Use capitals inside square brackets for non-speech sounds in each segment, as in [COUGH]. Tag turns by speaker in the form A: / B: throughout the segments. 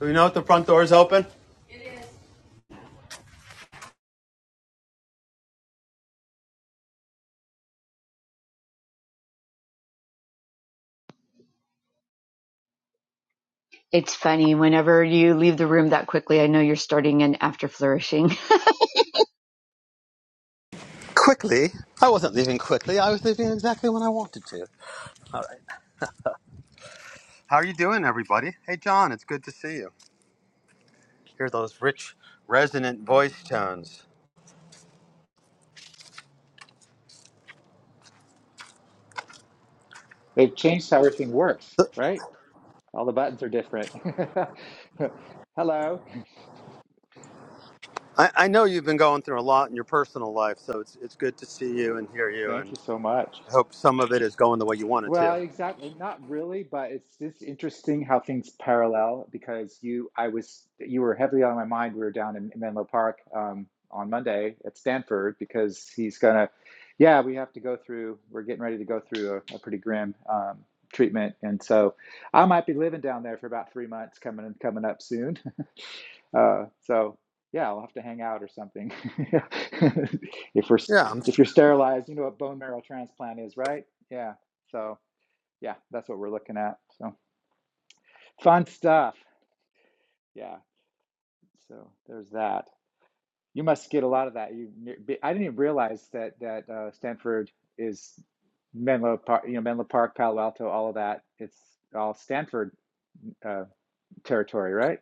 A: Do you know if the front door is open?
B: It's funny. Whenever you leave the room that quickly, I know you're starting in after flourishing. [LAUGHS]
A: Quickly? I wasn't leaving quickly. I was leaving exactly when I wanted to. How are you doing, everybody? Hey, John, it's good to see you. Hear those rich, resonant voice tones.
C: They've changed how everything works, right? All the buttons are different. [LAUGHS] Hello.
A: I, I know you've been going through a lot in your personal life, so it's, it's good to see you and hear you,
C: Thank you
A: and
C: so much.
A: I hope some of it is going the way you want it
C: Well,
A: to.
C: exactly. Not really, but it's just interesting how things parallel because you, I was, you were heavily on my mind. We were down in Menlo Park um, on Monday at Stanford because he's gonna, yeah, we have to go through. We're getting ready to go through a, a pretty grim um, treatment, and so I might be living down there for about three months coming coming up soon. Uh, so yeah, I'll have to hang out or something. [LAUGHS] if we're
A: Yeah, I'm,
C: if you're sterilized, you know what bone marrow transplant is, right? Yeah. So yeah, that's what we're looking at. So fun stuff. Yeah. So there's that. You must get a lot of that. You, I didn't even realize that that uh, Stanford is Menlo Park, you know, Menlo Park, Palo Alto, all of that. It's all Stanford uh, territory, right?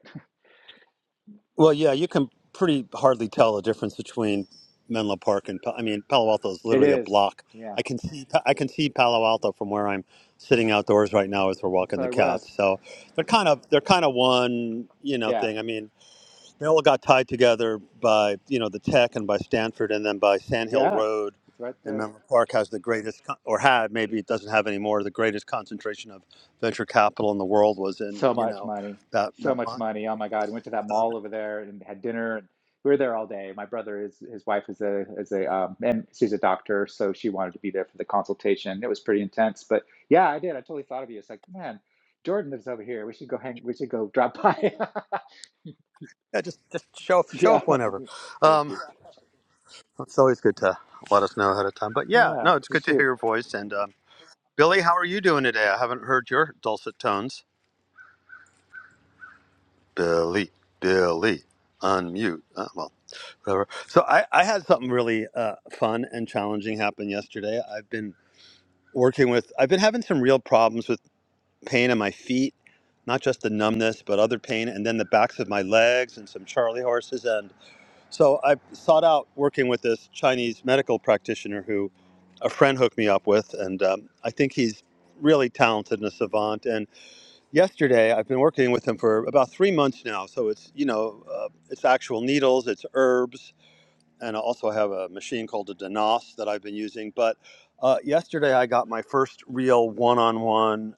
A: Well, yeah, you can pretty hardly tell the difference between Menlo Park and Pa- I mean Palo Alto is
C: It
A: literally a
C: is.
A: block.
C: Yeah.
A: I can see I can see Palo Alto from where I'm sitting outdoors right now as we're
C: That's
A: walking
C: what
A: the
C: I was.
A: cats. So they're kind of they're kind of one you know
C: Yeah.
A: thing. I mean they all got tied together by you know the Tech and by Stanford and then by Sand Hill
C: Yeah.
A: Road.
C: It's right
A: And
C: there.
A: Menlo Park has the greatest, con- or had maybe it doesn't have anymore. The greatest concentration of venture capital in the world was in
C: So
A: you
C: much
A: know
C: money.
A: that
C: So
A: that
C: much
A: mine.
C: money. Oh my God. We went to that
A: So
C: mall over there and had dinner and we were there all day. My brother is his wife is a is a um and she's a doctor, so she wanted to be there for the consultation. It was pretty intense. But yeah, I did. I totally thought of you. It's like, man, Jordan lives over here. We should go hang we should go drop by. [LAUGHS]
A: Yeah, just just show up, show
C: Yeah.
A: up whenever.
C: Thank
A: Um,
C: you.
A: it's always good to let us know ahead of time. But yeah,
C: Yeah,
A: no, it's
C: you
A: good to hear
C: too.
A: your voice. And um, Billy, how are you doing today? I haven't heard your dulcet tones. Billy, Billy, unmute. Uh, well, whatever. So I, I had something really uh, fun and challenging happen yesterday. I've been working with. I've been having some real problems with pain in my feet, not just the numbness, but other pain, and then the backs of my legs and some charley horses. So I sought out working with this Chinese medical practitioner who a friend hooked me up with, and um, I think he's really talented and a savant. And yesterday, I've been working with him for about three months now. So it's you know, uh, it's actual needles, it's herbs, and I also have a machine called a Danos that I've been using. But uh, yesterday, I got my first real one-on-one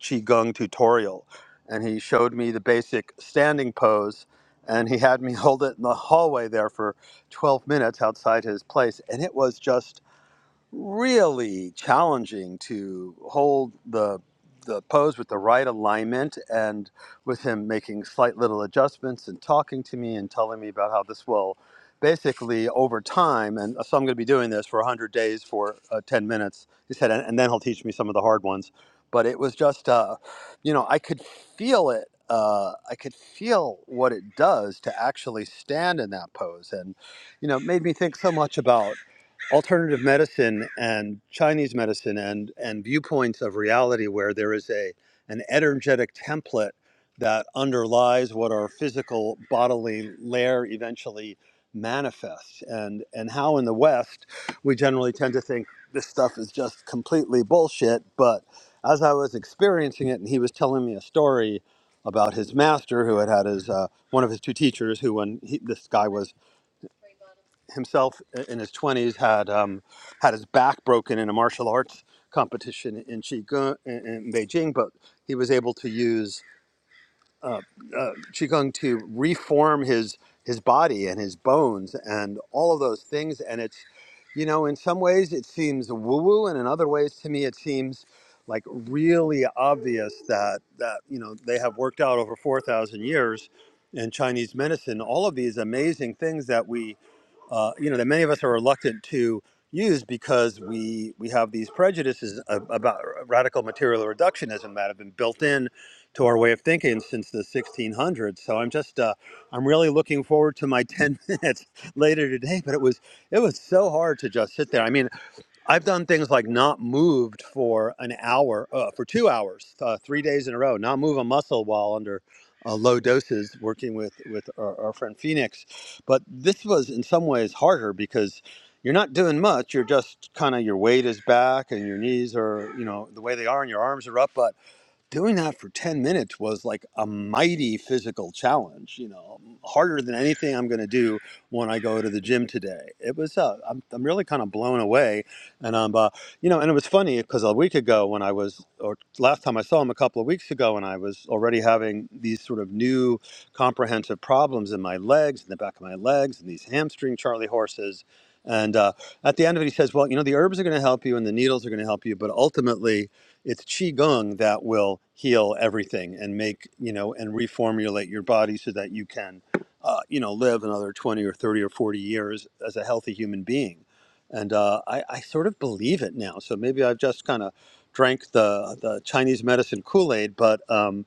A: qigong tutorial, and he showed me the basic standing pose, and he had me [LAUGHS] hold it in the hallway there for 12 minutes outside his place, and it was just really challenging to hold the the pose with the right alignment and with him making slight little adjustments and talking to me and telling me about how this will basically over time and so I'm going to be doing this for 100 days for uh, 10 minutes he said and, and then he'll teach me some of the hard ones but it was just uh, you know I could feel it uh, I could feel what it does to actually stand in that pose and you know it made me think so much about alternative medicine and Chinese medicine and and viewpoints of reality where there is a an energetic template that underlies what our physical bodily layer eventually manifests and and how in the west we generally tend to think this stuff is just completely bullshit but as i was experiencing it and he was telling me a story about his master who had had his uh, one of his two teachers who when he, this guy was himself in his 20s had um, had his back broken in a martial arts competition in qigong in, in Beijing, but he was able to use uh, uh, qigong to reform his his body and his bones and all of those things. And it's you know in some ways it seems woo woo, and in other ways to me it seems like really obvious that that you know they have worked out over 4,000 years in Chinese medicine all of these amazing things that we uh, you know that many of us are reluctant to use because we we have these prejudices a- about radical material reductionism that have been built in to our way of thinking since the 1600s. So I'm just uh, I'm really looking forward to my 10 [LAUGHS] minutes later today. But it was it was so hard to just sit there. I mean. I've done things like not moved for an hour, uh, for two hours, uh, three days in a row, not move a muscle while under uh, low doses, working with with our, our friend Phoenix. But this was in some ways harder because you're not doing much. You're just kind of your weight is back and your knees are, you know, the way they are, and your arms are up. but doing that for 10 minutes was like a mighty physical challenge you know harder than anything i'm going to do when i go to the gym today it was uh, I'm, I'm really kind of blown away and um uh, you know and it was funny because a week ago when i was or last time i saw him a couple of weeks ago and i was already having these sort of new comprehensive problems in my legs in the back of my legs and these hamstring charley horses and uh, at the end of it he says well you know the herbs are going to help you and the needles are going to help you but ultimately it's qigong that will heal everything and make you know and reformulate your body so that you can uh, you know live another 20 or 30 or 40 years as a healthy human being and uh, I, I sort of believe it now so maybe i've just kind of drank the the chinese medicine kool-aid but um,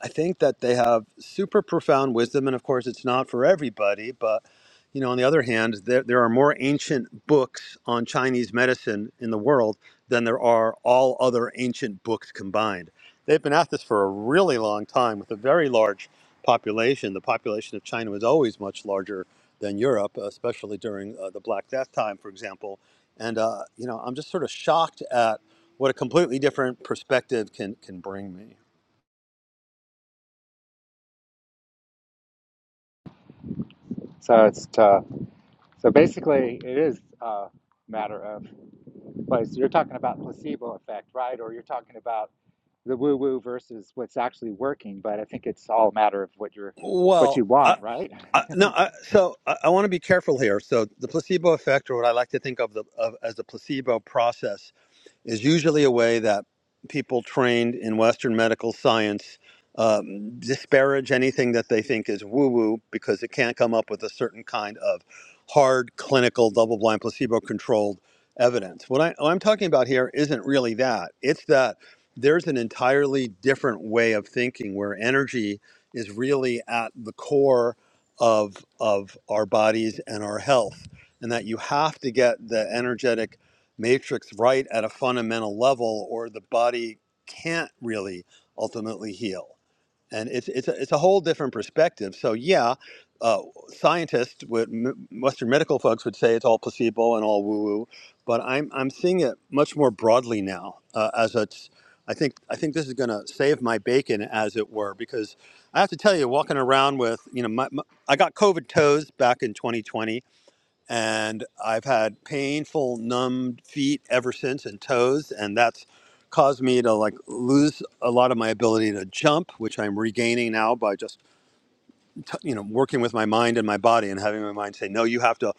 A: I think that they have super profound wisdom, and of course, it's not for everybody. But you know, on the other hand, there there are more ancient books on Chinese medicine in the world than there are all other ancient books combined. They've been at this for a really long time with a very large population. The population of China was always much larger than Europe, especially during uh, the Black Death time, for example. And uh, you know, I'm just sort of shocked at what a completely different perspective can can bring me.
C: So it's tough. So basically, it is a matter of place. You're talking about placebo effect, right? Or you're talking about the woo woo versus what's actually working. But I think it's all a matter of what you're what
A: Well,
C: you
A: I,
C: want, right?
A: I,
C: [LAUGHS]
A: no. I, so I, I want to be careful here. So the placebo effect, or what I like to think of, the, of as the placebo process, is usually a way that people trained in Western medical science um, disparage anything that they think is woo woo because it can't come up with a certain kind of hard clinical double blind placebo controlled evidence. What, I, what I'm talking about here isn't really that. It's that there's an entirely different way of thinking where energy is really at the core of, of our bodies and our health, and that you have to get the energetic matrix right at a fundamental level, or the body can't really ultimately heal. And it's it's a, it's a whole different perspective. So yeah, uh, scientists, would, m- Western medical folks would say it's all placebo and all woo woo, but I'm I'm seeing it much more broadly now uh, as it's. I think I think this is going to save my bacon, as it were, because I have to tell you, walking around with you know, my, my, I got COVID toes back in 2020, and I've had painful, numbed feet ever since and toes, and that's caused me to like lose a lot of my ability to jump, which I'm regaining now by just t- you know working with my mind and my body and having my mind say no you have to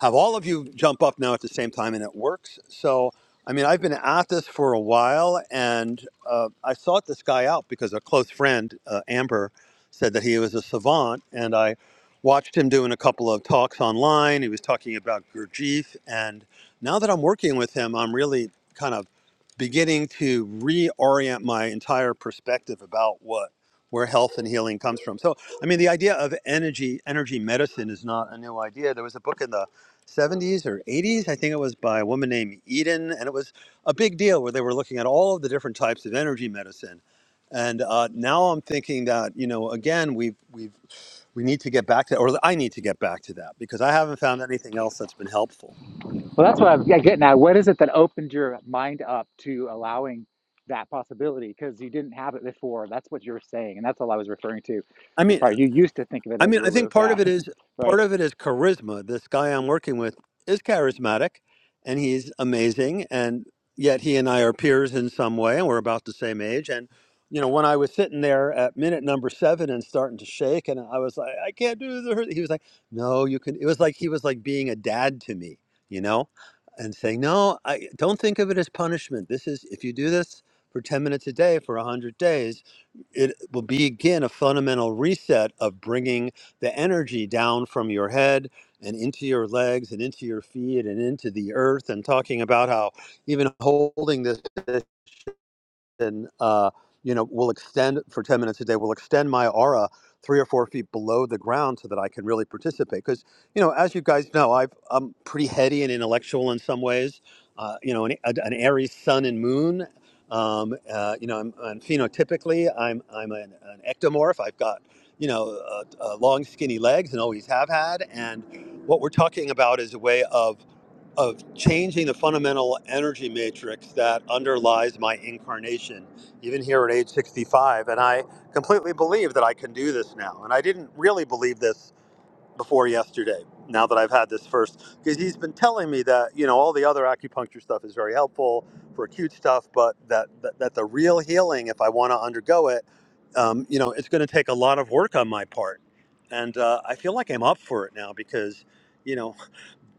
A: have all of you jump up now at the same time and it works so i mean i've been at this for a while and uh, i sought this guy out because a close friend uh, amber said that he was a savant and i watched him doing a couple of talks online he was talking about gurdjieff and now that i'm working with him i'm really kind of beginning to reorient my entire perspective about what where health and healing comes from. So I mean, the idea of energy, energy medicine is not a new idea. There was a book in the 70s or 80s, I think it was by a woman named Eden, and it was a big deal where they were looking at all of the different types of energy medicine. And uh, now I'm thinking that you know, again, we have we have we need to get back to, or I need to get back to that because I haven't found anything else that's been helpful.
C: Well, that's what I'm yeah, getting at. What is it that opened your mind up to allowing that possibility? Because you didn't have it before. That's what you're saying, and that's all I was referring to.
A: I
C: As
A: mean,
C: far you used to think of it
A: I
C: as
A: mean, I
C: woo
A: think
C: woo,
A: part
C: yeah,
A: of it is
C: [LAUGHS] right.
A: part of it is charisma. This guy I'm working with is charismatic, and he's amazing. And yet, he and I are peers in some way, and we're about the same age. And you know, when I was sitting there at minute number seven and starting to shake, and I was like, I can't do this. He was like, No, you can. It was like he was like being a dad to me, you know, and saying, No, I don't think of it as punishment. This is if you do this for ten minutes a day for a hundred days it will be again a fundamental reset of bringing the energy down from your head and into your legs and into your feet and into the earth and talking about how even holding this and uh, you know we will extend for 10 minutes a day we will extend my aura three or four feet below the ground so that i can really participate because you know as you guys know I've, i'm pretty heady and intellectual in some ways uh, you know an, an aries sun and moon um, uh, you know I'm, i phenotypically i'm i'm an, an ectomorph i've got you know uh, uh, long skinny legs and always have had and what we're talking about is a way of of changing the fundamental energy matrix that underlies my incarnation, even here at age 65. And I completely believe that I can do this now. And I didn't really believe this before yesterday, now that I've had this first, because he's been telling me that, you know, all the other acupuncture stuff is very helpful for acute stuff, but that, that, that the real healing, if I want to undergo it, um, you know, it's going to take a lot of work on my part. And uh, I feel like I'm up for it now because. you know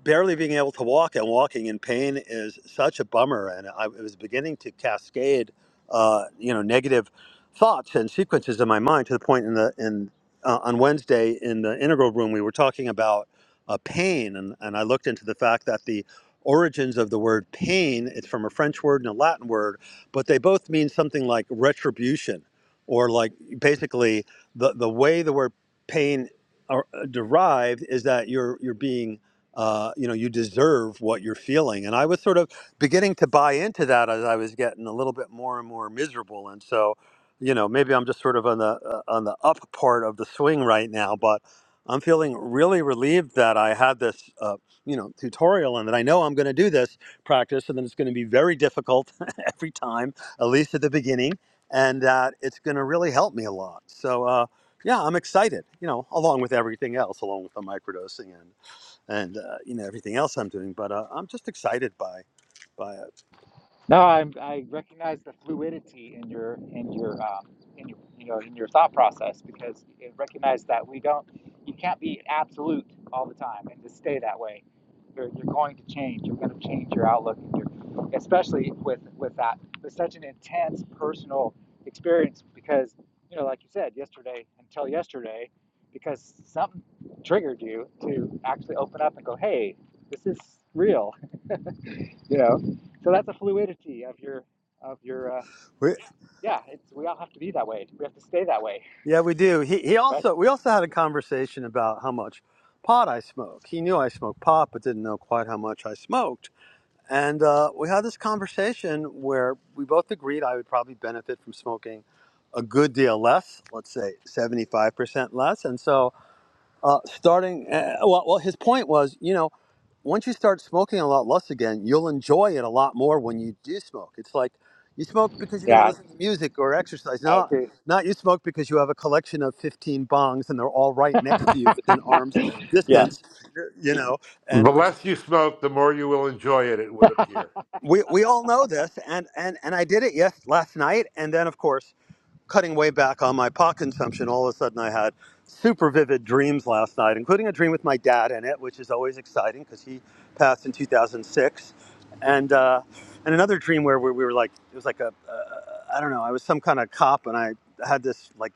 A: barely being able to walk and walking in pain is such a bummer. And I it was beginning to cascade, uh, you know, negative thoughts and sequences in my mind to the point in the in uh, on Wednesday in the integral room we were talking about uh, pain, and and I looked into the fact that the origins of the word pain it's from a french word and a latin word but they both mean something like retribution or like basically the, the way the word pain are, derived is that you're you're being uh, you know, you deserve what you're feeling. And I was sort of beginning to buy into that as I was getting a little bit more and more miserable. And so, you know, maybe I'm just sort of on the uh, on the up part of the swing right now, but I'm feeling really relieved that I had this, uh, you know, tutorial and that I know I'm going to do this practice and that it's going to be very difficult [LAUGHS] every time, at least at the beginning, and that it's going to really help me a lot. So, uh, yeah, I'm excited, you know, along with everything else, along with the microdosing and and uh, you know everything else I'm doing. But uh, I'm just excited by by it.
C: No, I'm, I recognize the fluidity in your in your um, in your you know in your thought process because it recognize that we don't you can't be absolute all the time and just stay that way. You're, you're going to change. You're going to change your outlook and your especially with with that with such an intense personal experience because you know like you said yesterday until yesterday because something triggered you to actually open up and go hey this is real you know so that's a fluidity of your of your uh,
A: We,
C: yeah it's we all have to be that way we have to stay that way
A: yeah, we do. He he
C: but
A: also we also had a conversation about how much pot I smoke. He knew I smoked pot, but didn't know quite how much I smoked. And uh, we had this conversation where we both agreed I would probably benefit from smoking a good deal less, let's say 75% less. And so uh, starting uh, well, well his point was you know once you start smoking a lot less again you'll enjoy it a lot more when you do smoke it's like you smoke because you're going to
C: yeah i
A: listen to music or exercise not
C: agree
A: not you smoke because you have a collection of 15 bongs and they're all right next to you within arm's
C: [LAUGHS] yeah
A: distance you know and
D: The
A: which
D: less
A: is
D: you smoke, the more you will enjoy it, it would appear.
C: [LAUGHS]
A: we, we all know this and and and i did it yes last night and then of course cutting way back on my pot consumption, all of a sudden I had super vivid dreams last night, including a dream with my dad in it, which is always exciting because he passed in 2006, and uh, and another dream where we, we were like it was like a uh, I don't know I was some kind of cop and I had this like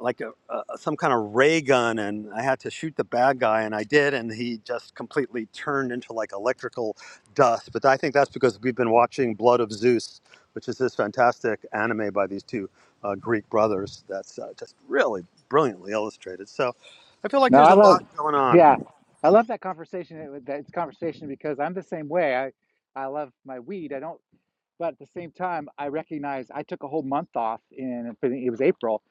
A: like a, a, some kind of ray gun and I had to shoot the bad guy and I did and he just completely turned into like electrical dust. But I think that's because we've been watching Blood of Zeus, which is this fantastic anime by these two uh, Greek brothers that's uh, just really brilliantly illustrated. So I feel like
C: no
A: there's
C: i
A: a
C: love
A: lot going on.
C: yeah i love that conversation it, that it's conversation because i'm the same way i i love my weed i don't but at the same time, I recognized I took a whole month off in it was April,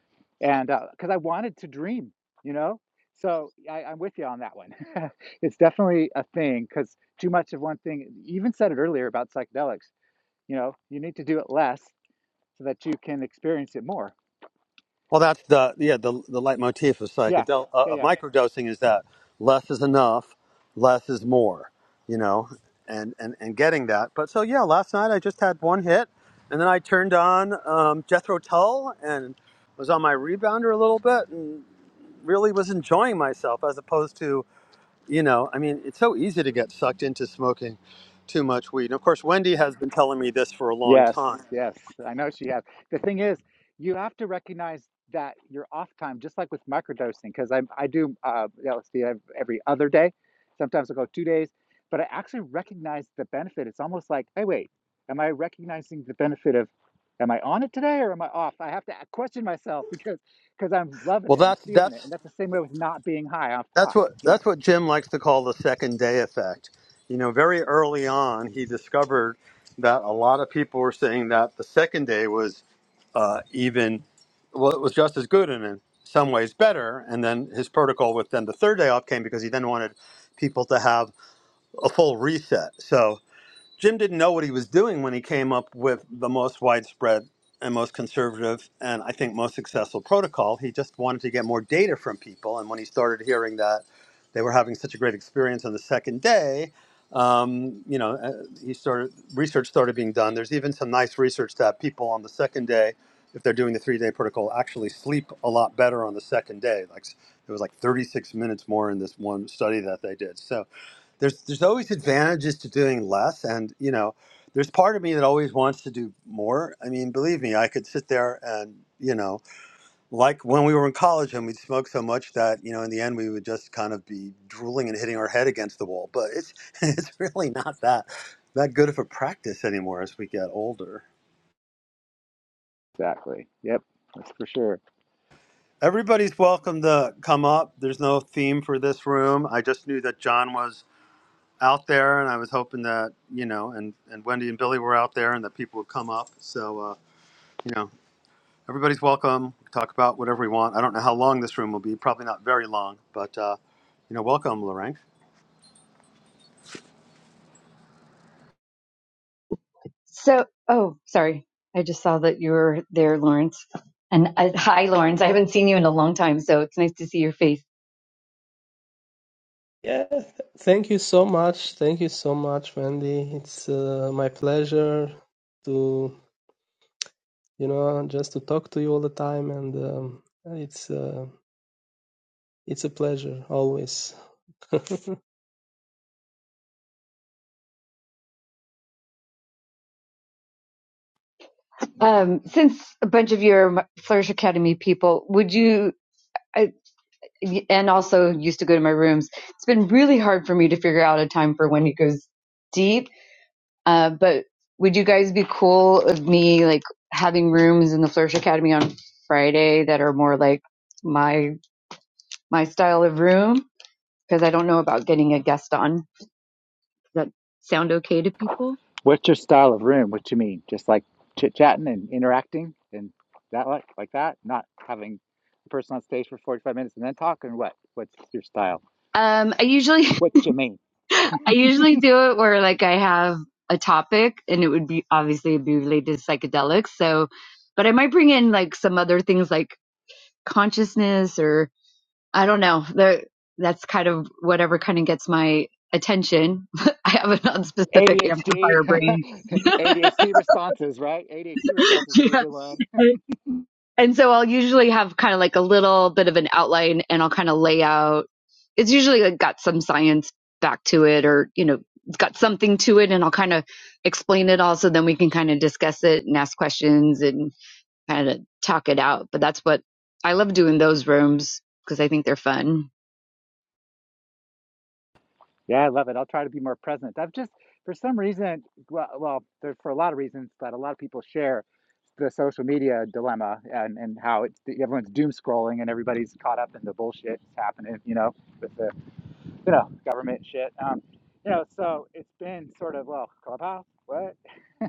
C: and because uh, I wanted to dream, you know. So I, I'm with you on that one. [LAUGHS] it's definitely a thing because too much of one thing. You even said it earlier about psychedelics. You know, you need to do it less so that you can experience it more.
A: Well, that's the yeah the the leitmotif of
C: Yeah,
A: psychedel uh,
C: yeah,
A: of
C: yeah.
A: microdosing is that less is enough, less is more, you know, and and and getting that. But so yeah, last night I just had one hit, and then I turned on um, Jethro Tull and was on my rebounder a little bit and really was enjoying myself as opposed to you know I mean it's so easy to get sucked into smoking too much weed. And of course, Wendy has been telling me this for a long
C: Yes,
A: time.
C: yes, I know she has. The thing is, you have to recognize that your off time, just like with microdosing, because I I do uh, LSD ev- every other day. Sometimes I go two days, but I actually recognize the benefit. It's almost like, hey, wait, am I recognizing the benefit of? Am I on it today or am I off? I have to a- question myself [LAUGHS] because because I'm loving
A: Well,
C: it, I'm
A: that's
C: feeling it,
A: that's
C: and that's the same way with not being high off
A: That's
C: pot.
A: what
C: Yeah,
A: that's what Jim likes to call the second day effect. You know, very early on, he discovered that a lot of people were saying that the second day was uh, even well, it was just as good and in some ways better. And then his protocol with then the third day off came because he then wanted people to have a full reset. So Jim didn't know what he was doing when he came up with the most widespread and most conservative and I think most successful protocol. He just wanted to get more data from people. And when he started hearing that they were having such a great experience on the second day, um, you know, uh, he started research started being done. There's even some nice research that people on the second day, if they're doing the three day protocol, actually sleep a lot better on the second day. Like it was like 36 minutes more in this one study that they did. So there's there's always advantages to doing less and you know there's part of me that always wants to do more i mean believe me i could sit there and you know like when we were in college and we'd smoke so much that you know in the end we would just kind of be drooling and hitting our head against the wall but it's [LAUGHS] it's really not that that good of a practice anymore as we get older
C: exactly. Yep, that's for sure.
A: everybody's welcome to come up there's no theme for this room i just knew that john was out there, and I was hoping that you know, and and Wendy and Billy were out there, and that people would come up. So uh, you know, everybody's welcome. We can talk about whatever we want. I don't know how long this room will be. Probably not very long, but uh, you know, welcome, Lorraine.
B: So, oh, sorry. I just saw that you were there, Lawrence. And uh, hi, Lawrence. I haven't seen you in a long time, so it's nice to see your face.
E: Yeah, th- thank you so much. Thank you so much, Wendy. It's uh, my pleasure to, you know, just to talk to you all the time, and um, it's uh, it's a pleasure always. [LAUGHS]
B: Um, since a bunch of you are Flourish Academy people, would you, I, and also used to go to my rooms, it's been really hard for me to figure out a time for when it goes deep Uh, but would you guys be cool with me like having rooms in the Flourish Academy on Friday that are more like my my style of room? Because I don't know about getting a guest on. Does that sound okay to people?
C: What's your style of room? What you mean? Just like chit chatting and interacting and that like like that? Not having a person on stage for 45 minutes and then talking what? What's your style?
B: Um, I usually [LAUGHS]
C: What you mean?
B: I usually do it where like I have a topic and it would be obviously be related to psychedelics. So, but I might bring in like some other things like consciousness or. I don't know. There, that's kind of whatever kind of gets my attention. [LAUGHS] I have a non-specific
C: ADHD.
B: amplifier brain.
C: ADHD [LAUGHS] responses, right? ADHD
B: [LAUGHS]
C: responses will be a
B: yeah.
C: good one.
B: And and so I'll usually have kind of like a little bit of an outline and I'll kind of lay out. It's usually like got some science back to it or, you know, it's got something to it and I'll kind of explain it all so then we can kind of discuss it and ask questions and kind of talk it out. But that's what I love doing those rooms because I think they're fun.
C: Yeah, I love it. I'll try to be more present. I've just for some reason, well, well, there's for a lot of reasons, but a lot of people share the social media dilemma and and how it's everyone's doom scrolling and everybody's caught up in the bullshit that's happening, you know, with the you know, government shit. Um, you know, so it's been sort of well, clubhouse, what? [LAUGHS]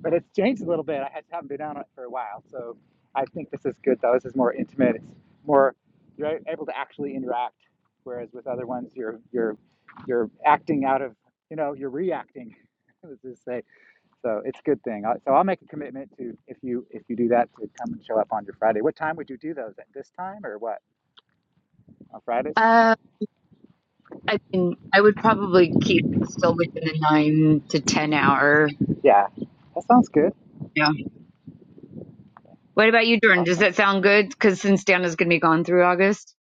C: but it's changed a little bit. I haven't been on it for a while, so I think this is good though. This is more intimate. It's more you're able to actually interact, whereas with other ones you're you're you're acting out of you know you're reacting. [LAUGHS] Let's just say so. It's a good thing. I- So I'll make a commitment to if you if you do that to come and show up on your Friday. What time would you do those at this time or what on Fridays?
B: Um, I mean, I would probably keep still within the nine to ten hour.
C: Yeah, that sounds good.
B: Yeah. What about you, Jordan? Does
C: Awesome.
B: that sound good? Because since Dana's going to be gone through August,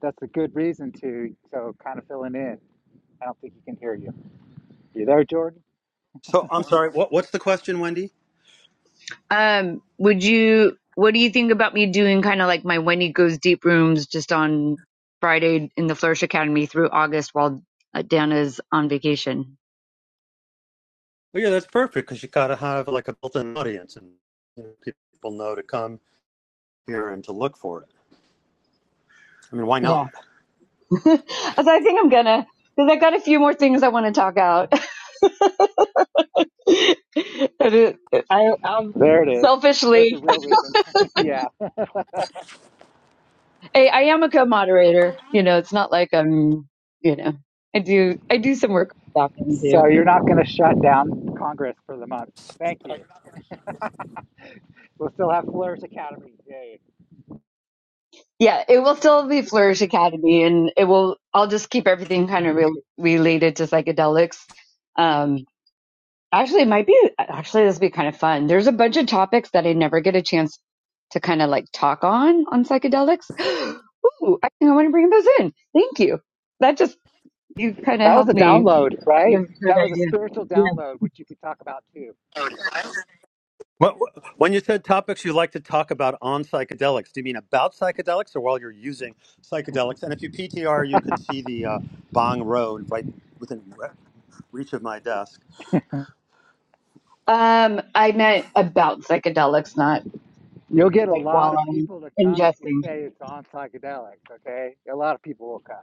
C: That's a good reason to, so kind of filling in. I don't think he can hear you. You there, Jordan?
A: So I'm sorry. What what's the question, Wendy?
B: um, would you? What do you think about me doing kind of like my Wendy goes deep rooms just on Friday in the Flourish Academy through August while uh, Dana's on vacation?
A: Well, yeah, that's perfect because you gotta have like a built-in audience, and you know, people know to come here and to look for it. I mean, why not?
B: Yeah. [LAUGHS] so I think I'm gonna because I got a few more things I want to talk out. [LAUGHS] I, I'm
C: There it is. There's the
B: selfishly.
C: real reason. [LAUGHS] yeah.
B: I, I am a co-moderator. You know, it's not like I'm, you know, I do, I do some work back end too.
C: So you're not going to shut down Congress for the month. Thank you. We'll still have Flourish Academy. Yay.
B: Yeah, it will still be Flourish Academy and it will, I'll just keep everything kind of re- related to psychedelics. Um, actually, it might be, actually, this would be kind of fun. There's a bunch of topics that I never get a chance to kind of like talk on, on psychedelics. [GASPS] Ooh, I think I want to bring those in. Thank you. That just, you kind of
C: That was
B: helped
C: a
B: me.
C: download,
B: Give
C: right?
B: me a good
C: That was a
B: idea.
C: spiritual download, which you could talk about too.
A: Wh- When you said topics you like to talk about on psychedelics, do you mean about psychedelics or while you're using psychedelics? And if you PTR, you can see the uh, Bong Road right within re- reach of my desk.
B: Um, I meant about psychedelics, not
C: You'll get a
B: like
C: lot
B: while
C: of
B: I'm
C: people to come if you
B: ingesting.
C: say it's on psychedelics, okay? A lot of people will come.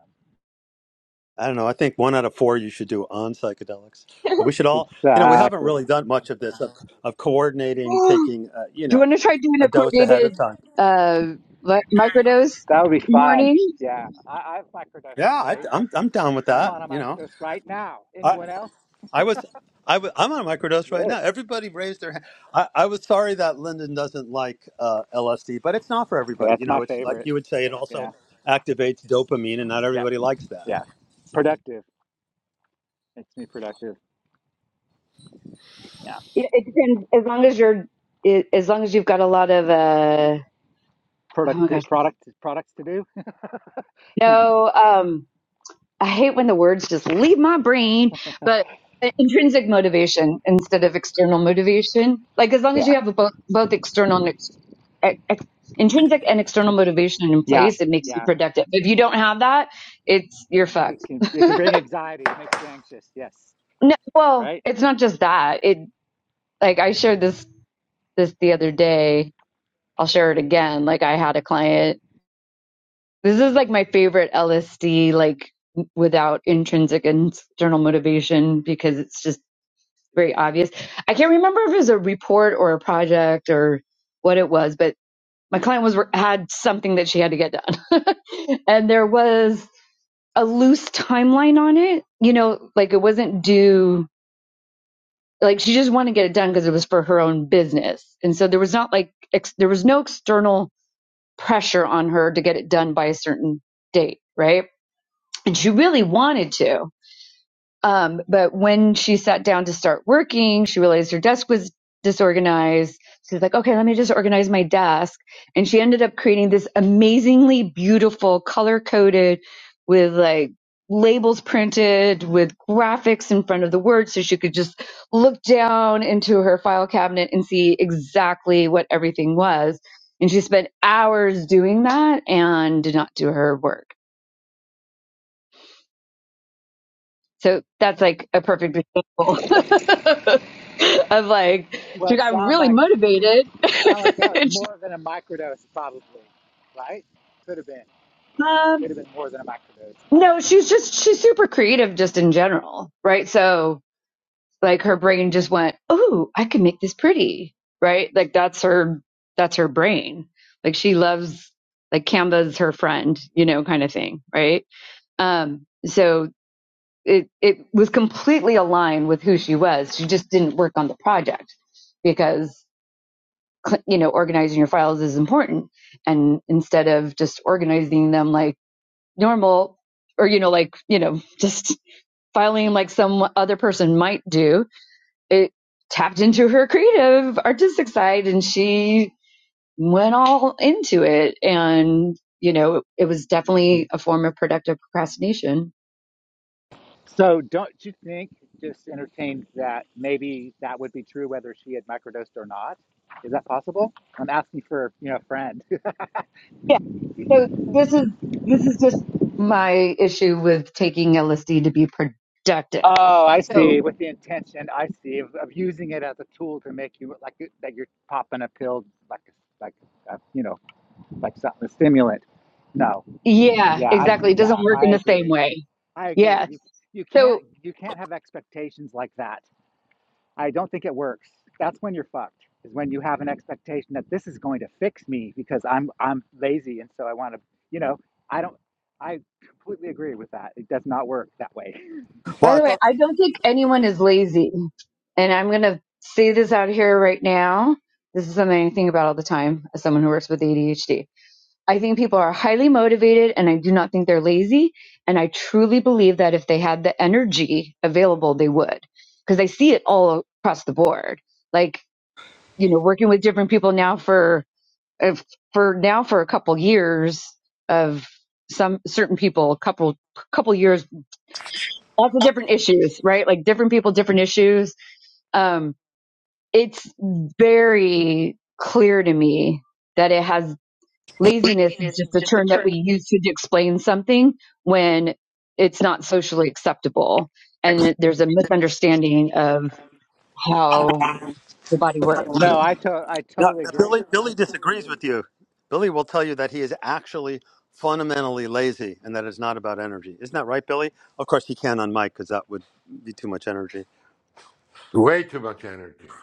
A: I don't know. I think one out of four you should do on psychedelics. Uh, We should all, you know, we haven't
C: Exactly.
A: really done much of this of, of coordinating,
B: [GASPS]
A: taking, uh, you
B: Do you
A: know,
B: want to try doing
A: a
B: a
A: dose ahead
B: coordinated
A: of time.
B: uh li- microdose
C: That would be fun.
B: morning?
C: Yeah. I, I have microdosed
A: Yeah, I,
C: today
A: I'm I'm down with
C: I'm
A: that.
C: on a
A: You know,
C: microdose right now.
A: I,
C: Anyone else?
A: I was, I was, I'm on microdose right
C: Yeah.
A: now. Everybody raised their hand. I, I was sorry that Lyndon doesn't like uh, LSD, but it's not for everybody. You
C: That's
A: know,
C: my
A: it's like
C: favorite.
A: you would say, it also
C: Yeah.
A: activates dopamine, and not
C: Yep.
A: everybody likes that.
C: Yeah. Productive. Makes me productive. Yeah.
B: It, it depends. As long as you're, it, as long as you've got a lot of uh, oh
C: Product
B: my gosh,
C: products products to do. [LAUGHS]
B: no. Um, I hate when the words just leave my brain, but uh, intrinsic motivation instead of external motivation. Like as long as
C: Yeah.
B: you have a both both external and ex, e, ex, intrinsic and external motivation in
C: Yeah.
B: place, it makes you
C: Yeah.
B: productive. If you don't have that, it's you're
C: It
B: fucked.
C: can it can bring anxiety. It makes you anxious. Yes.
B: No, well,
C: Right?
B: it's not just that. It like I shared this this the other day. I'll share it again. Like I had a client. This is like my favorite LSD like without intrinsic and external motivation because it's just very obvious. I can't remember if it was a report or a project or what it was, but my client was had something that she had to get done, [LAUGHS] and there was a loose timeline on it. You know, like it wasn't due. Like she just wanted to get it done because it was for her own business, and so there was not like ex- there was no external pressure on her to get it done by a certain date, right? And she really wanted to, Um, but when she sat down to start working, she realized her desk was disorganized. She's like, okay, let me just organize my desk. And she ended up creating this amazingly beautiful, color coded with like labels printed with graphics in front of the words so she could just look down into her file cabinet and see exactly what everything was. And she spent hours doing that and did not do her work. So that's like a perfect example [LAUGHS] of like
C: Well
B: she
C: it
B: got
C: sound
B: really
C: like
B: motivated. [LAUGHS]
C: sound like that was
B: And she-
C: more than a microdose probably. Right? Could have been. Could
B: um,
C: have been more than a microdose. Huh?
B: no, she's just she's super creative just in general, right? So like her brain just went, "Oh, I can make this pretty," right? Like that's her that's her brain. Like she loves like Canva's her friend, you know, kind of thing, right? Um, so it it was completely aligned with who she was. She just didn't work on the project because. you know organizing your files is important and instead of just organizing them like normal or you know like you know [LAUGHS] just filing like some other person might do it tapped into her creative artistic side and she went all into it and you know it was definitely a form of productive procrastination
C: So don't you think, just entertain that maybe that would be true whether she had microdosed or not? Is that possible? I'm asking for, you know, a friend. [LAUGHS]
B: yeah so this is this is just my issue with taking lsd to be productive
C: Oh, I
B: so
C: see. With the intention, I see, of, of using it as a tool to make you like it- that you're popping a pill, like like uh, you know, like something a stimulant. No,
B: Yeah,
C: yeah, I
B: exactly. It doesn't
C: yeah,
B: work
C: I
B: in the same
C: agree.
B: way.
C: I
B: Yeah.
C: agree. You you can't
B: So,
C: you can't have expectations like that. I don't think it works. That's when you're fucked. Is when you have an expectation that this is going to fix me because I'm I'm lazy and so I want to, you know, I don't I completely agree with that. It does not work that way. [LAUGHS]
A: Well,
B: by
A: I
B: the way,
A: thought,
B: I don't think anyone is lazy. And I'm going to say this out here right now. This is something I think about all the time as someone who works with ADHD. I think people are highly motivated and I do not think they're lazy. And I truly believe that if they had the energy available, they would because I see it all across the board. Like, you know, working with different people now for. if for now for a couple years of some certain people a couple couple years lots of different issues right like different people different issues um it's very clear to me that it has laziness is just a term that we use to explain something when it's not socially acceptable and it, there's a misunderstanding of how the body works
C: No, I to- I
A: no,
C: totally agree.
A: Billy, Billy disagrees with you. Billy will tell you that he is actually fundamentally lazy, and that it's not about energy. Isn't that right, Billy? Of course, he can on mic because that would be too much energy.
D: Way too much energy.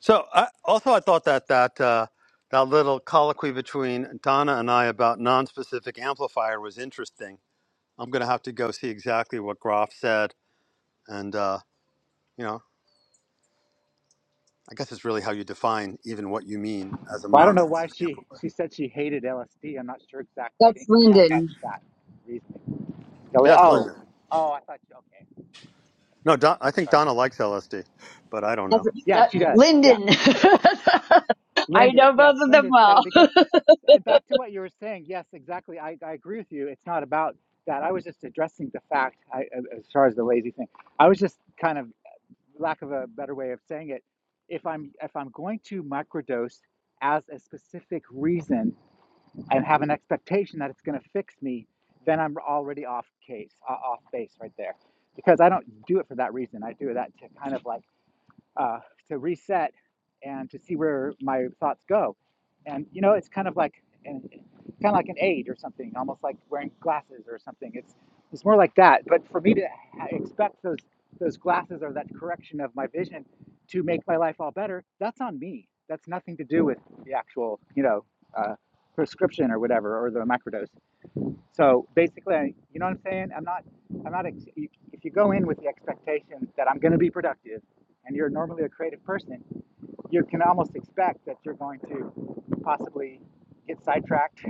A: So I, also, I thought that that uh, that little colloquy between Donna and I about non-specific amplifier was interesting. I'm going to have to go see exactly what Groff said, and uh, you know, I guess it's really how you define even what you mean as a
C: Well, I don't know why
A: non-specific
C: she
A: amplifier.
C: she said she hated LSD. I'm not sure exactly. I
B: that's
C: didn't catch
B: lyndon
C: that reasoning. Oh,
A: Yes,
C: oh,
A: Linda.
C: oh, I thought you okay. That's what
A: No,
C: I thought
A: Don,
C: you
A: I
C: meant.
A: think
C: Sorry.
A: Donna likes LSD, but I don't know.
B: Every-
C: Yeah,
B: that-
C: she does. Yeah,
B: Lyndon.
C: she does.
B: [LAUGHS] I
C: Lyndon,
B: know
C: yes,
B: both of them
C: Lyndon said
B: well.
C: it because
B: [LAUGHS]
C: and back to what you were saying, yes, exactly. I, I agree with you. It's not about that. I was just addressing the fact I, as far as the lazy thing. I was just kind of lack of a better way of saying it. If I'm if I'm going to microdose as a specific reason and have an expectation that it's going to fix me, then I'm already off case, uh, off base right there, because I don't do it for that reason. I do that to kind of like uh, to reset and to see where my thoughts go. And you know, it's kind of like an, kind of like an aid or something, almost like wearing glasses or something. It's it's more like that. But for me to expect those those glasses or that correction of my vision to make my life all better, that's on me. That's nothing to do with the actual, you know, uh, prescription or whatever or the microdose. So basically, I- you know what I'm saying? I'm not, I'm not, ex- if you go in with the expectation that I'm going to be productive and you're normally a creative person, you can almost expect that you're going to possibly get sidetracked.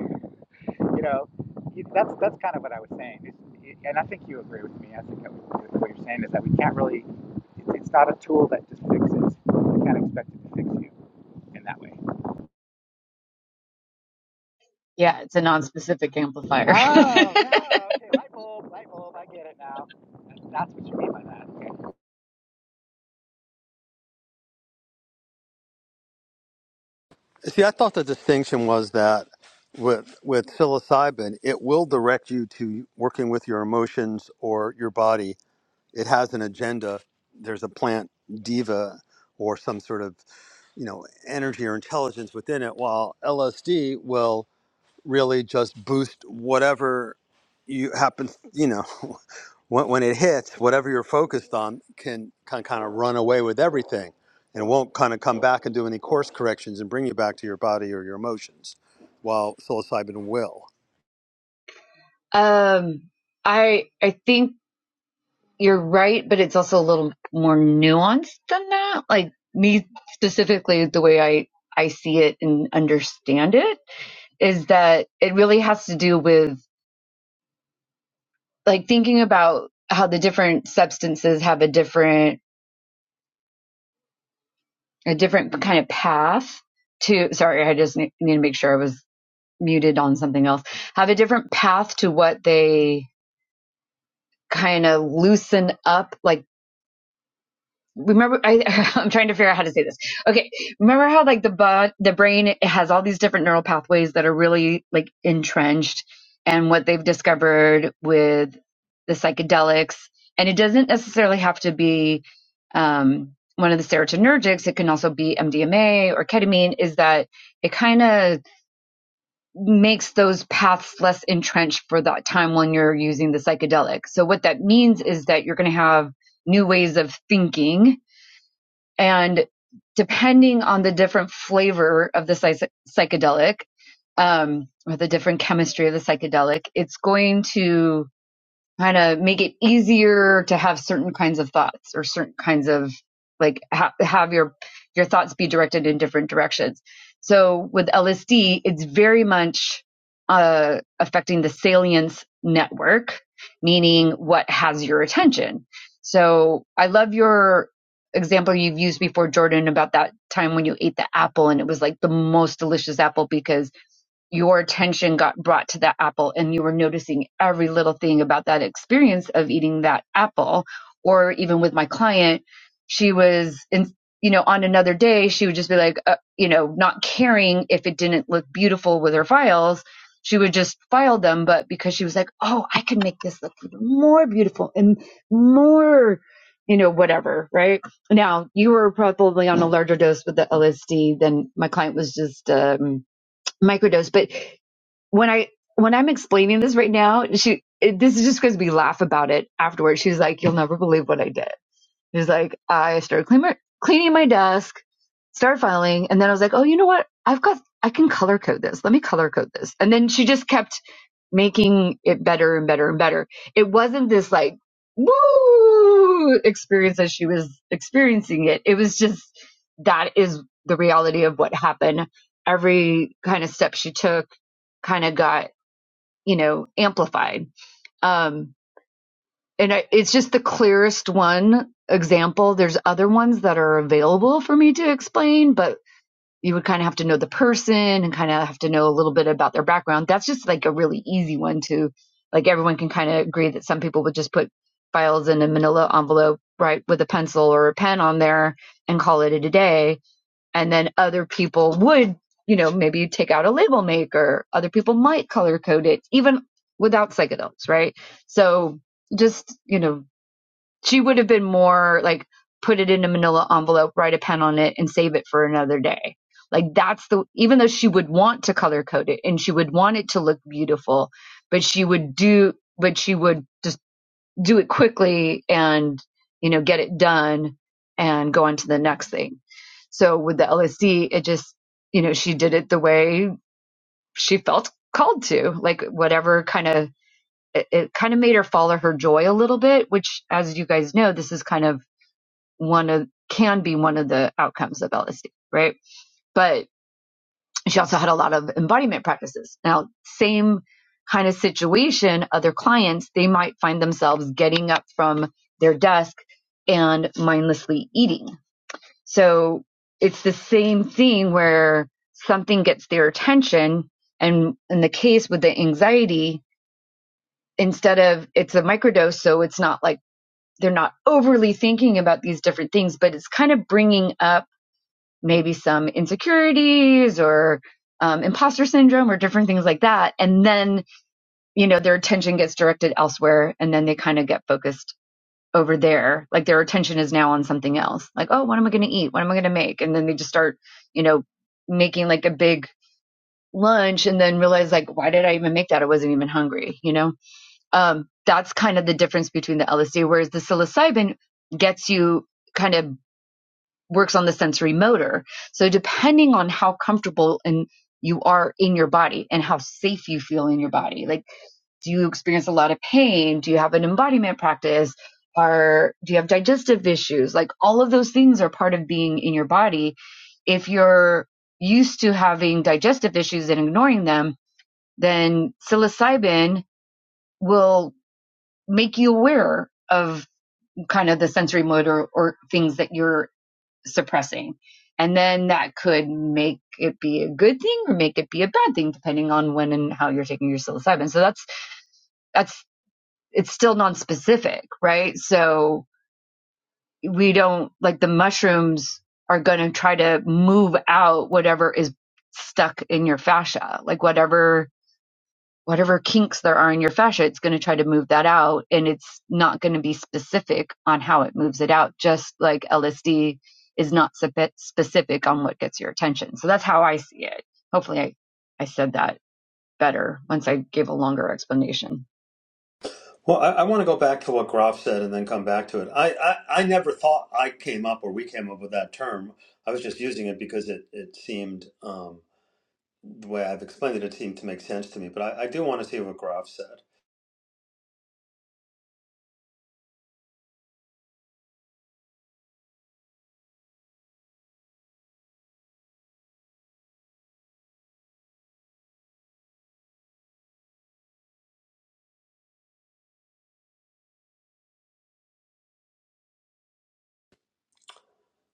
C: You know, You- that's, that's kind of what I was saying. It's, it, and I think you agree with me. I think that what you're saying is that we can't really, it's, it's not a tool that just fixes. You can't expect it to fix you in that way.
B: yeah, it's a non-specific amplifier.
C: Oh, no. Okay. Light bulb, light bulb. I get it now. That's what you mean by that. Okay.
A: See, I thought the distinction was that with with psilocybin, it will direct you to working with your emotions or your body it has an agenda. There's a plant diva or some sort of you know energy or intelligence within it. While LSD will really just boost whatever you happen you know [LAUGHS] when, when it hits whatever you're focused on can can kind of run away with everything and it won't kind of come back and do any course corrections and bring you back to your body or your emotions while psilocybin will
B: [LAUGHS] um, I I think you're right, but it's also a little more nuanced than that. Like me specifically, the way I I see it and understand it is that it really has to do with like thinking about how the different substances have a different a different kind of path to sorry i just ne- need to make sure i was muted on something else have a different path to what they kind of loosen up like remember I, [LAUGHS] i'm trying to figure out how to say this okay remember how like the bod, the brain it has all these different neural pathways that are really like entrenched and what they've discovered with the psychedelics and it doesn't necessarily have to be um, one of the serotonergics it can also be mdma or ketamine is that it kind of makes those paths less entrenched for that time when you're using the psychedelic. So what that means is that you're going to have new ways of thinking and depending on the different flavor of the psy- psychedelic um, or the different chemistry of the psychedelic, it's going to kind of make it easier to have certain kinds of thoughts or certain kinds of like ha- have your your thoughts be directed in different directions so with lsd it's very much uh, affecting the salience network meaning what has your attention so i love your example you've used before jordan about that time when you ate the apple and it was like the most delicious apple because your attention got brought to that apple and you were noticing every little thing about that experience of eating that apple or even with my client she was in you know on another day she would just be like uh, you know not caring if it didn't look beautiful with her files she would just file them but because she was like oh i can make this look even more beautiful and more you know whatever right now you were probably on a larger dose with the lsd than my client was just um microdose, but when I when I'm explaining this right now, she it, this is just because we laugh about it afterwards. She's like, "You'll never believe what I did." It's like I started cleaning cleaning my desk, started filing, and then I was like, oh, you know what? I've got I can color code this. Let me color code this. And then she just kept making it better and better and better. It wasn't this like woo experience as she was experiencing it. It was just that is the reality of what happened. Every kind of step she took kind of got, you know, amplified. Um and I, it's just the clearest one example. There's other ones that are available for me to explain, but you would kind of have to know the person and kind of have to know a little bit about their background. That's just like a really easy one to like everyone can kind of agree that some people would just put files in a manila envelope, right, with a pencil or a pen on there and call it a day. And then other people would, you know, maybe take out a label maker. Other people might color code it even without psychedelics, right? So just, you know, she would have been more like put it in a manila envelope, write a pen on it, and save it for another day. Like that's the even though she would want to color code it and she would want it to look beautiful, but she would do but she would just do it quickly and you know get it done and go on to the next thing. So with the LSC, it just you know she did it the way she felt called to, like whatever kind of it, it kind of made her follow her joy a little bit, which as you guys know, this is kind of one of can be one of the outcomes of LSD, right? But she also had a lot of embodiment practices. Now, same kind of situation, other clients, they might find themselves getting up from their desk and mindlessly eating. So it's the same thing where something gets their attention. And in the case with the anxiety, instead of it's a microdose, so it's not like they're not overly thinking about these different things, but it's kind of bringing up maybe some insecurities or um, imposter syndrome or different things like that. And then, you know, their attention gets directed elsewhere and then they kind of get focused over there. Like their attention is now on something else. Like, oh, what am I going to eat? What am I going to make? And then they just start, you know, making like a big lunch and then realize like, why did I even make that? I wasn't even hungry, you know? Um, that's kind of the difference between the LSD, whereas the psilocybin gets you kind of works on the sensory motor. So depending on how comfortable and you are in your body and how safe you feel in your body. Like, do you experience a lot of pain? Do you have an embodiment practice? Are do you have digestive issues? Like all of those things are part of being in your body. If you're used to having digestive issues and ignoring them, then psilocybin will make you aware of kind of the sensory motor or things that you're suppressing. And then that could make it be a good thing or make it be a bad thing, depending on when and how you're taking your psilocybin. So that's, that's, it's still non-specific, right? So we don't, like the mushrooms are going to try to move out whatever is stuck in your fascia, like whatever whatever kinks there are in your fascia, it's going to try to move that out. And it's not going to be specific on how it moves it out, just like LSD is not specific on what gets your attention. So that's how I see it. Hopefully, I, I said that better once I gave a longer explanation.
A: Well, I, I want to go back to what Graf said and then come back to it. I, I, I never thought I came up or we came up with that term. I was just using it because it, it seemed, um, the way I've explained it, it seemed to make sense to me. But I, I do want to see what Graf said.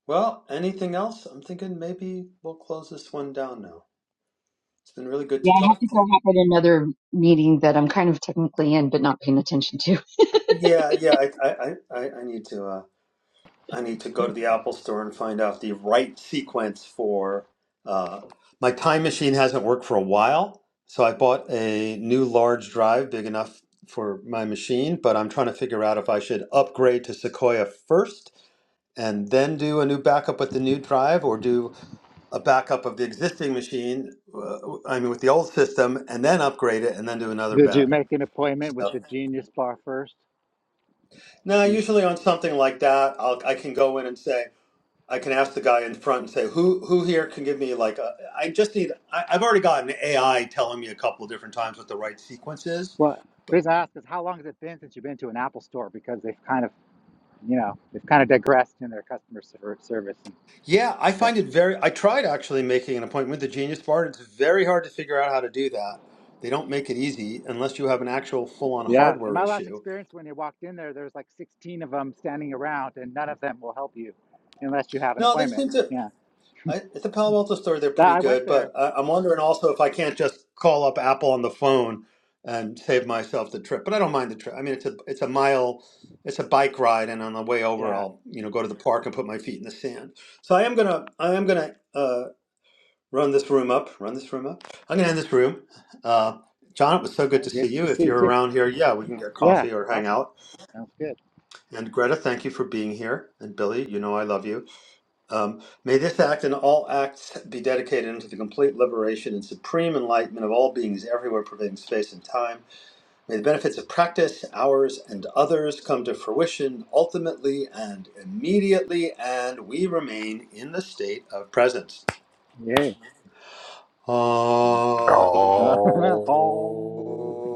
A: Well, anything else? I'm thinking maybe we'll close this one down now. It's been really good
B: Yeah,
A: to
B: I have
A: talk
B: to
A: to you.
B: go hop in another meeting that I'm kind of technically in, but not paying attention to.
A: Yeah, yeah, I, I, I, I I need to. Uh, I need to go to the Apple store and find out the right sequence for. Uh, my time machine hasn't worked for a while, so I bought a new large drive big enough for my machine, but I'm trying to figure out if I should upgrade to Sequoia first and then do a new backup with the new drive or do a backup of the existing machine, uh, I mean, with the old system, and then upgrade it and then do another
C: Did you
A: backup.
C: make an appointment with
A: So,
C: the Genius Bar first?
A: now,
C: You,
A: usually on something like that, I'll, I can go in and say, I can ask the guy in front and say, "Who who here can give me like a, I just need I, I've already gotten AI telling me a couple of different times what the right sequence is."
C: well, the reason I ask is how long has it been since you've been to an Apple store? Because they've kind of, you know, they've kind of digressed in their customer ser- service. And
A: Yeah, I
C: yeah,
A: find it very. I tried actually making an appointment with the Genius Bar. It's very hard to figure out how to do that. They don't make it easy unless you have an actual full on
C: yeah. In
A: hardware
C: my last
A: issue.
C: experience, when you walked in there, there was like 16 of them standing around, and none of them will help you unless you have an
A: No, they
C: appointment.
A: seem to.
C: Yeah,
A: I, at the Palo Alto store, they're
C: that
A: pretty
C: I went
A: good, but
C: there.
A: I, I'm wondering also if I can't just call up Apple on the phone and save myself the trip. But I don't mind the trip. I mean, it's a it's a mile, it's a bike ride, and on the way over,
C: Yeah,
A: I'll you know go to the park and put my feet in the sand. So I am gonna I am gonna uh, run this room up, run this room up. I'm gonna end this room. Uh, John, it was so
C: yeah
A: good to see
C: good
A: you.
C: to see
A: If
C: you
A: you're
C: too.
A: around here, yeah, we can get
C: Yeah,
A: coffee or hang
C: awesome.
A: out.
C: Sounds good.
A: And Greta, thank you for being here. And Billy, you know I love you. Um, may this act and all acts be dedicated unto the complete liberation and supreme enlightenment of all beings everywhere, pervading space and time. May the benefits of practice, ours, and others come to fruition ultimately and immediately, and we remain in the state of presence.
C: Yay. [LAUGHS]
A: Ah.
C: Um, [LAUGHS] all
D: Oh.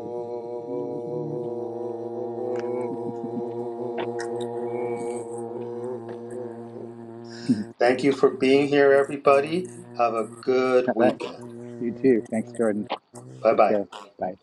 A: Thank you for being here, everybody. Have a good
C: right.
A: weekend.
C: You too. Thanks, Jordan.
A: Bye
C: Take
A: bye.
C: care. Bye.